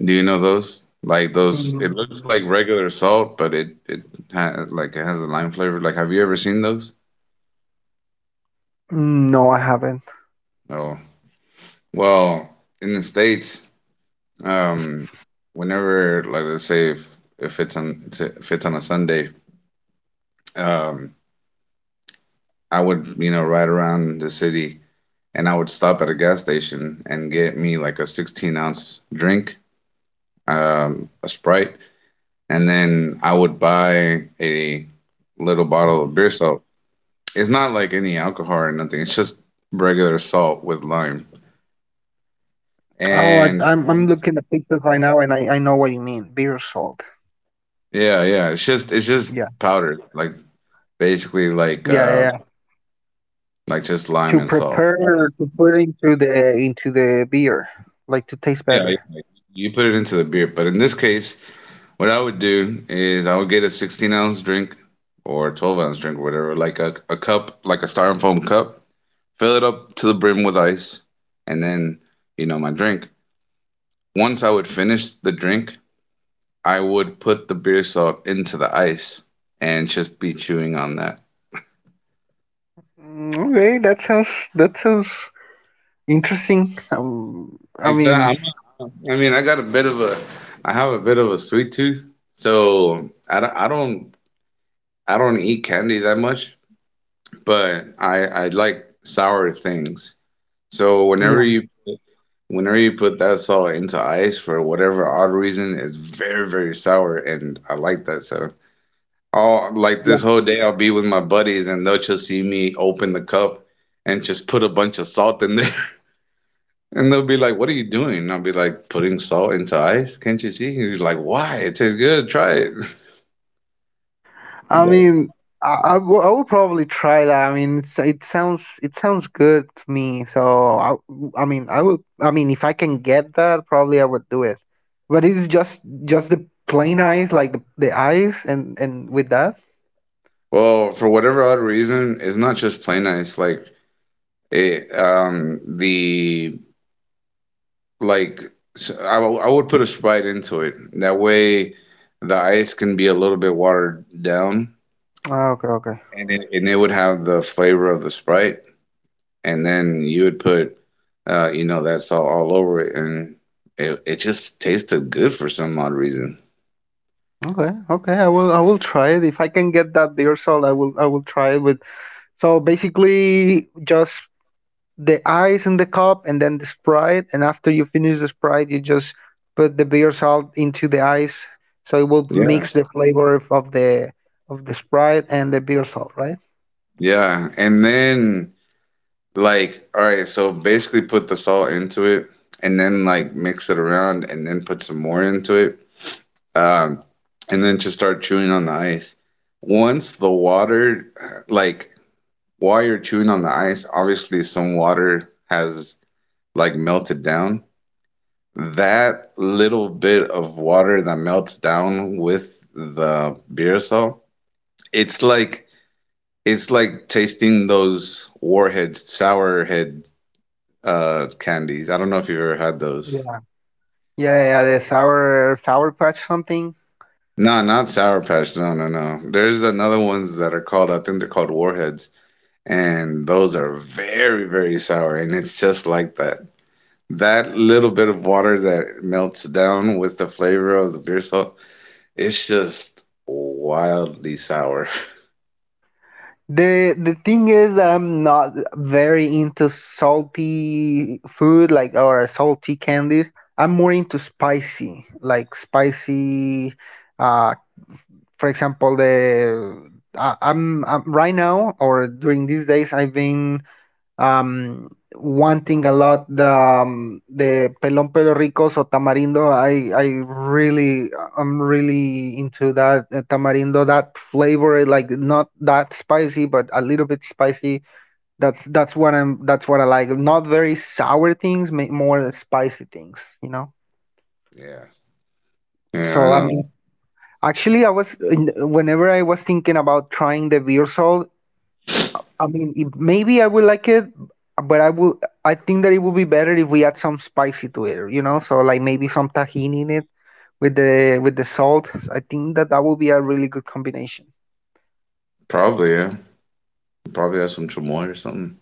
A: Do you know those? Like, those,
B: Mm,
A: it looks like regular salt, but it ha like it has a lime flavor. Like, have you ever seen those?
B: no, I haven't.
A: Oh, well, in the States, um, whenever, like, let's say if if it's on if it's on a Sunday, um, I would, ride around the city, and I would stop at a gas station and get me like a 16-ounce drink, a Sprite, and then I would buy a little bottle of beer salt. It's not like any alcohol or nothing. It's just regular salt with lime.
B: Oh, I, I'm
A: And
B: looking at pictures right now, and I know what you mean. Beer salt.
A: yeah, yeah,
B: Yeah,
A: it's just powdered, like, basically,
B: yeah, yeah,
A: like
B: yeah.
A: uh like
B: To
A: just lime and
B: prepare
A: salt.
B: to put into the, into the beer, like, to taste better.
A: Yeah, yeah, like, you put it into the beer. But in this case, what I would do is I would get a 16-ounce drink or 12-ounce drink or whatever, like a cup, like a styrofoam cup, fill it up to the brim with ice, and then, my drink. Once I would finish the drink, I would put the beer salt into the ice and just be chewing on that.
B: Mm, okay, that sounds, that sounds interesting. I
A: It's
B: mean,
A: I'm not- I mean, I have a bit of a sweet tooth, so I don't eat candy that much, but I like sour things. So whenever
B: yeah.
A: you, whenever you put that salt into ice, for whatever odd reason, it's very, very sour, and I like that. So. Oh, like, this whole day I'll be with my buddies, and they'll just see me open the cup and just put a bunch of salt in there. And they'll be like, "What are you doing?" And I'll be like, "Putting salt into ice? Can't you see?" And he's like, "Why?" "It tastes good. Try it."
B: I
A: Yeah.
B: mean, I will, I will probably try that. I mean, it's, it sounds, it sounds good to me. So I mean, I would. I mean, if I can get that, probably I would do it. But it's just the plain ice, like the ice, and with that.
A: Well, for whatever odd reason, it's not just plain ice. Like, it, the, like, s- I, w- I would put a Sprite into it. That way the ice can be a little bit watered down,
B: Ah, okay, okay,
A: and it would have the flavor of the Sprite, and then you would put that salt all over it, and it just tasted good for some odd reason.
B: okay, okay. I will try it if I can get that beer salt. I will try it with. So basically, just the ice in the cup, and then the Sprite. And after you finish the Sprite, you just put the beer salt into the ice, so it will
A: Yeah.
B: mix the flavor of, of the Sprite and the beer salt, right?
A: Yeah, and then, like, all right, so basically put the salt into it, and then, like, mix it around, and then put some more into it, um, and then just start chewing on the ice. Once the water, like, while you're chewing on the ice, obviously some water has like melted down. That little bit of water that melts down with the beer salt, it's like it's like tasting those warhead sourhead candies. I don't know if you've ever had those.
B: Yeah. Yeah, yeah, the sour, sour patch something.
A: No, not Sour Patch. No, no, no. There's another ones that are called, I think they're called Warheads, and those are very, very sour, and it's just like that. That little bit of water that melts down with the flavor of the beer salt, it's just wildly sour.
B: The thing is that I'm not very into salty food, like, or salty candies. I'm more into spicy, like spicy uh for example, the I'm right now or during these days I've been um, wanting a lot the pelon pelo rico so tamarindo. I really I'm really into that tamarindo, that flavor, like not that spicy but a little bit spicy. That's what I'm that's what I like. Not very sour things, more spicy things, you know.
A: Yeah. Yeah, I
B: So
A: know.
B: I'm Actually, whenever I was thinking about trying the beer, I mean, if, maybe I would like it, but I would. I think that it would be better if we add some spicy to it. You know, so like maybe some tahini in it with the salt. I think that would be a really good combination.
A: Probably, yeah. Probably have some chamoy or something.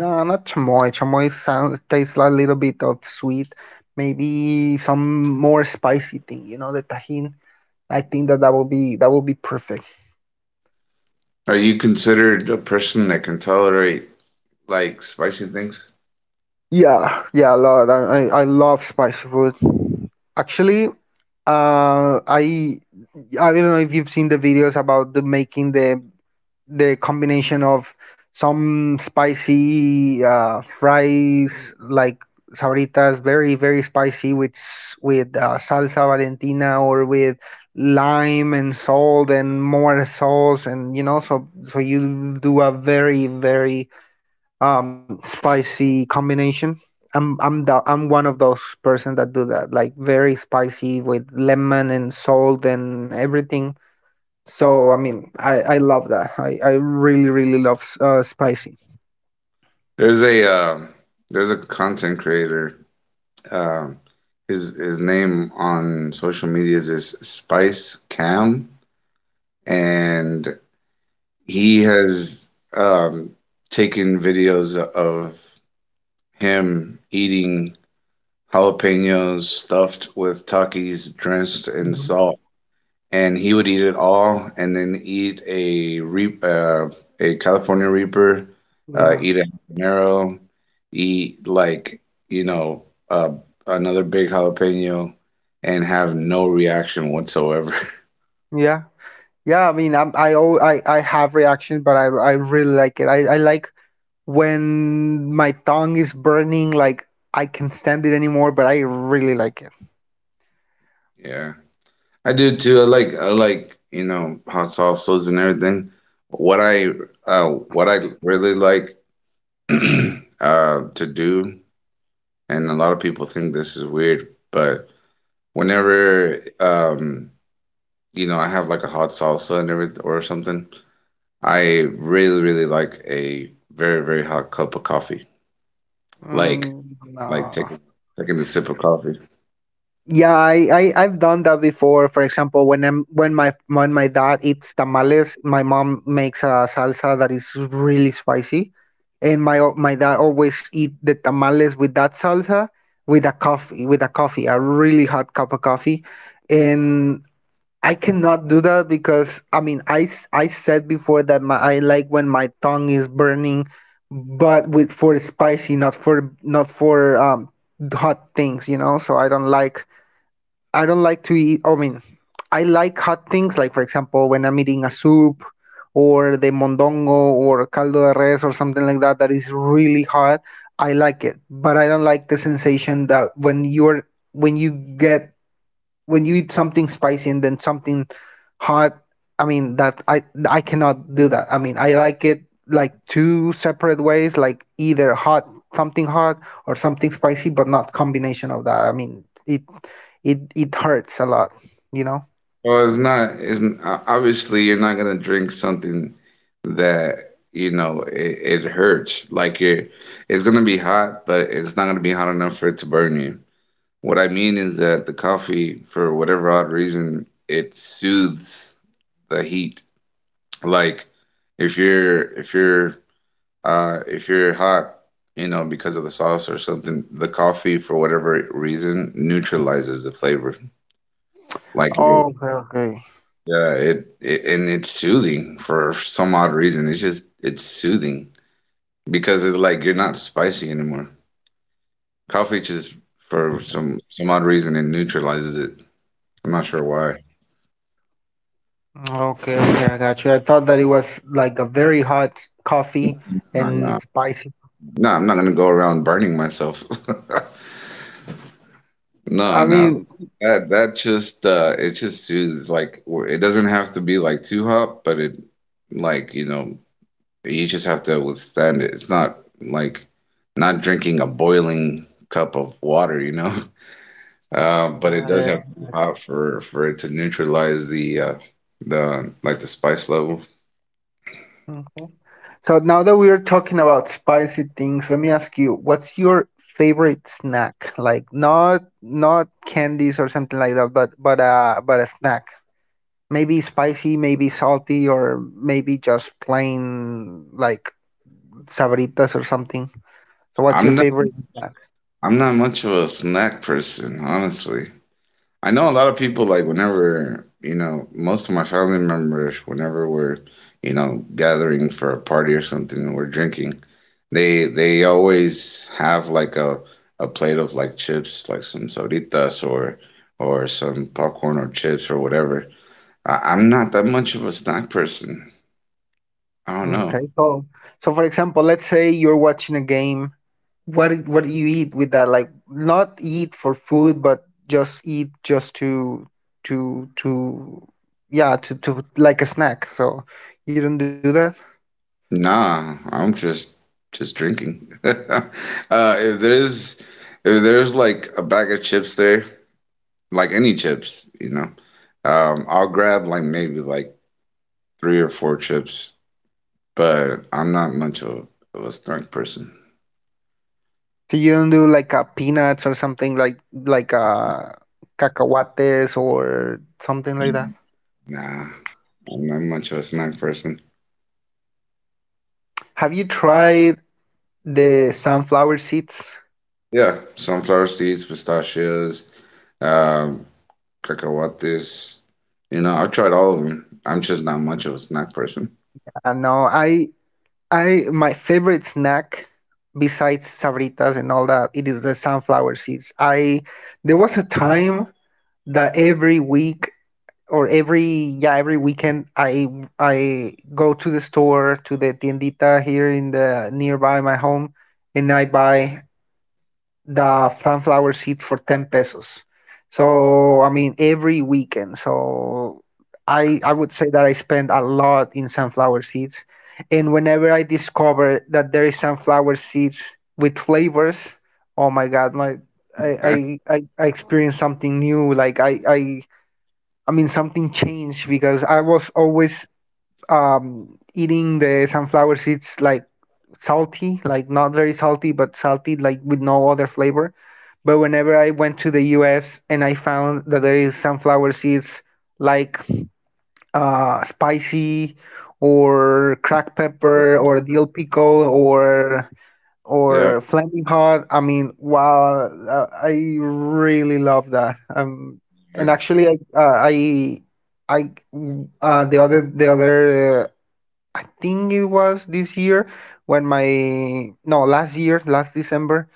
B: No, not chamoy. Chamoy sounds tastes a little bit of sweet. Maybe some more spicy thing. You know, the tahin. I think that that would be perfect.
A: Are you considered a person that can tolerate, like, spicy things?
B: Yeah, yeah, a lot. I love spicy food. Actually, uh, I I don't know if you've seen the videos about the making the combination of some spicy fries like sabritas, very very spicy with salsa Valentina or with lime and salt and more sauce, and you know, so so you do a very very spicy combination. I'm one of those person that do that, like very spicy with lemon and salt and everything. So I mean, I love that. I really really love spicy.
A: There's a um, there's a content creator. Um, his name on social media is Spice Cam, and he has taken videos of him eating jalapenos stuffed with Takis drenched in
B: Hmm.
A: salt, and he would eat it all, and then eat a California Reaper,
B: Yeah,
A: eat a habanero, eat, like, you know uh, another big jalapeno, and have no reaction whatsoever.
B: yeah, yeah. I mean, I have reaction, but I really like it. I like when my tongue is burning, like I can not stand it anymore, but I really like it.
A: Yeah. I do too. I like hot salsas and everything. What I what I really like to do, and a lot of people think this is weird, but whenever, you know, I have, like, a hot salsa and everything or something, I really really like a very very hot cup of coffee. Like,
B: Mm,
A: like
B: no.
A: taking taking a sip of coffee.
B: Yeah, I've done that before. For example, when my dad eats tamales, my mom makes a salsa that is really spicy, and my dad always eat the tamales with that salsa with a coffee, a really hot cup of coffee, and I cannot do that because I mean I said before that my I like when my tongue is burning, but with for spicy, not for hot things, you know. So I don't like to eat. I mean, I like hot things, like for example, when I'm eating a soup or the mondongo or caldo de res or something like that that is really hot. I like it, but I don't like the sensation that when you're when you get when you eat something spicy and then something hot. I mean that I cannot do that. I mean I like it like two separate ways, like either hot something hot or something spicy, but not combination of that. I mean it hurts a lot, you know.
A: Well, It's not. Obviously you're not gonna drink something that, it hurts. Like, you're, it's gonna be hot, but it's not gonna be hot enough for it to burn you. What I mean is that the coffee, for whatever odd reason, it soothes the heat. Like, if you're if you're if you're hot, you know, because of the sauce or something, the coffee for whatever reason neutralizes the flavor. Like.
B: Oh,
A: Yeah, it's soothing for some odd reason. It's just it's soothing, because it's like you're not spicy anymore. Coffee just for some odd reason it neutralizes it. I'm not sure why.
B: okay. I got you. I thought that it was like a very hot coffee
A: No,
B: and
A: no,
B: spicy.
A: no, I'm not gonna go around burning myself. No,
B: I
A: no,
B: mean,
A: that that just it just soothes. Like, it doesn't have to be like too hot, but it, like, you just have to withstand it. It's not like not drinking a boiling cup of water. But it
B: yeah,
A: does have to be hot for it to neutralize the the spice level.
B: yeah. So now that we are talking about spicy things, let me ask you, what's your favorite snack? Like not not candies or something like that, but but a snack. Maybe spicy, maybe salty, or maybe just plain like sabritas or something. So what's your
A: I'm not
B: favorite snack?
A: I'm not much of a snack person, honestly. I know a lot of people, like, whenever, most of my family members, whenever we're, gathering for a party or something and we're drinking, they always have like a plate of, like, chips, like some soritas, or some popcorn or chips or whatever. I'm not that much of a snack person. I don't
B: Okay,
A: know.
B: so so for example, let's say you're watching a game. What do you eat with that? Like not eat for food, but just eat just to yeah, to like a snack. So you don't do that.
A: Nah, I'm just drinking. If there's if there's like a bag of chips there, like any chips, I'll grab like maybe like three or four chips. But I'm not much of a, snack person.
B: So you don't do like peanuts or something like cacahuates or something like that.
A: Nah, I'm not much of a snack person.
B: Have you tried the sunflower seeds?
A: Yeah, sunflower seeds, pistachios, um, cacahuates. I've tried all of them. I'm just not much of a snack person.
B: No, I, my favorite snack, besides Sabritas and all that, it is the sunflower seeds. I There was a time that every yeah every weekend I go to the store, to the tiendita here in the nearby my home, and I buy the sunflower seed for 10 pesos. So I mean every weekend. So I would say that I spend a lot in sunflower seeds. And whenever I discover that there is sunflower seeds with flavors, oh my god, my I experience something new. I mean, something changed, because I was always eating the sunflower seeds like salty, like not very salty, but salty, like with no other flavor. But whenever I went to the US and I found that there is sunflower seeds like spicy or cracked pepper or dill pickle
A: Yeah.
B: or Flaming Hot. I mean, wow, I really love that. And actually, I, the other, I think it was this year when no, last year, last December,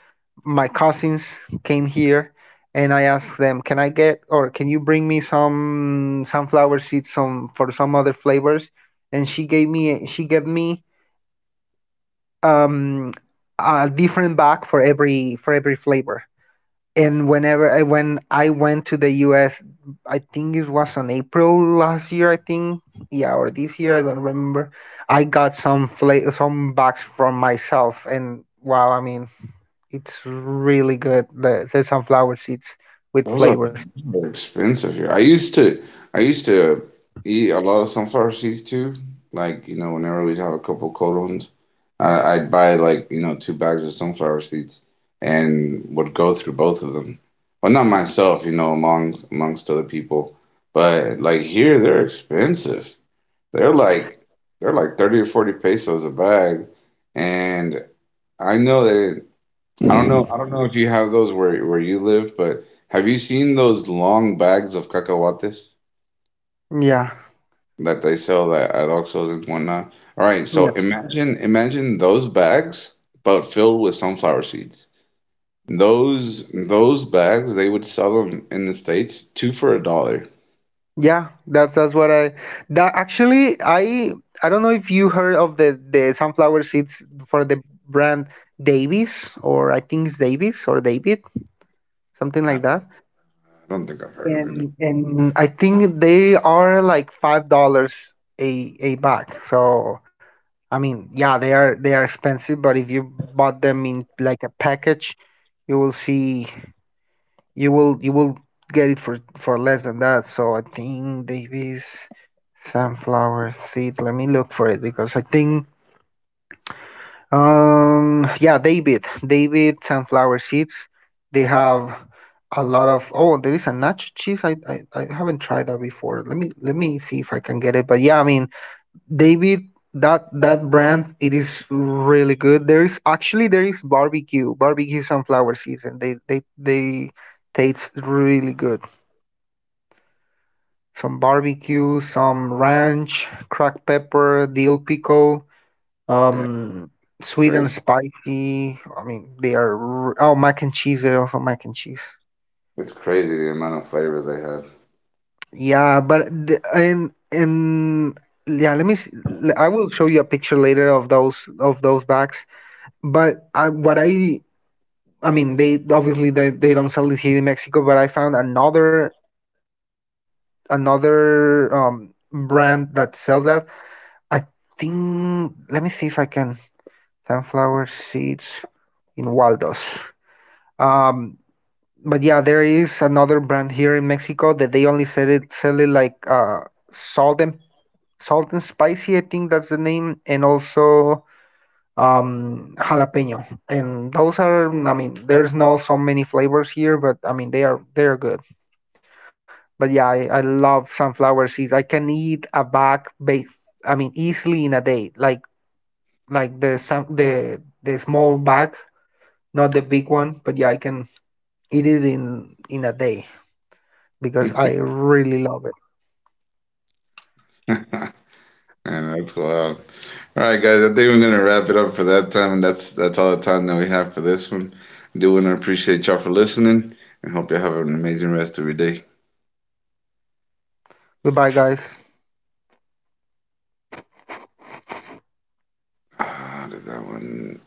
B: my cousins came here. And I asked them, "Can I get, or can you bring me some sunflower seeds, some for some other flavors?" And she gave me um a different bag for every flavor. And when I went to the US, I think it was on April last year, I think, yeah, or this year, I don't remember. I got some some bags from myself, and wow, I mean, it's really good. The sunflower seeds with
A: Those are
B: flavors.
A: those are expensive here. I used to eat a lot of sunflower seeds too. Like, whenever we'd have a couple cold ones, I'd buy, like, two bags of sunflower seeds, and would go through both of them. Well, not myself, among amongst other people. But, like, here, they're expensive. They're like they're like 30 or 40 pesos a bag. And I know that I don't know. I don't know if you have those where you live, but have you seen those long bags of cacahuates
B: Yeah,
A: that they sell that at Oxxos and whatnot? All right,
B: yeah.
A: so, imagine those bags, but filled with sunflower seeds. Those bags, they would sell them in the States two for a dollar.
B: Yeah, that actually, I don't know if you heard of the sunflower seeds for the brand Davis, or I think it's Davis or David, something
A: I I
B: like that.
A: don't think I've heard of it.
B: And I think they are like $5 a bag. So I mean, yeah, they are expensive, but if you bought them in like a package, you will see you will get it for less than that. So I think Davis sunflower seed. Let me look for it, because I think um, yeah, David. David sunflower seeds. They have a lot of oh, there is a nacho cheese. I haven't tried that before. Let me see if I can get it. But yeah, I mean, David, that brand, it is really good. There is barbecue, barbecue sunflower seeds, and they taste really good. Some barbecue, some ranch, cracked pepper, dill pickle.
A: Yeah, it's
B: Um, sweet and
A: crazy.
B: spicy. I mean, they are. Oh, mac and cheese. They're also mac and cheese.
A: It's crazy the amount of flavors they have,
B: Yeah, but the, in yeah, let me. I will show you a picture later of those bags. But I, what I mean, they obviously they don't sell it here in Mexico. But I found another brand that sells that. I think. Let me see if I can. Sunflower seeds in Waldos. Um. But yeah, there is another brand here in Mexico that they only sell it like salt and spicy, I think that's the name, and also jalapeno. And those are I mean, there's not so many flavors here, but I mean they're good. But yeah, I love sunflower seeds. I can eat a bag ba- I mean easily in a day. Like the small bag, not the big one, but yeah, I can eat it in a day, because I really love it.
A: and that's wild. All right, guys. I think we're gonna wrap it up for that time, and that's all the time that we have for this one. I do want to appreciate y'all for listening, and hope you have an amazing rest of your day.
B: Goodbye, guys.
A: Ah, did that one.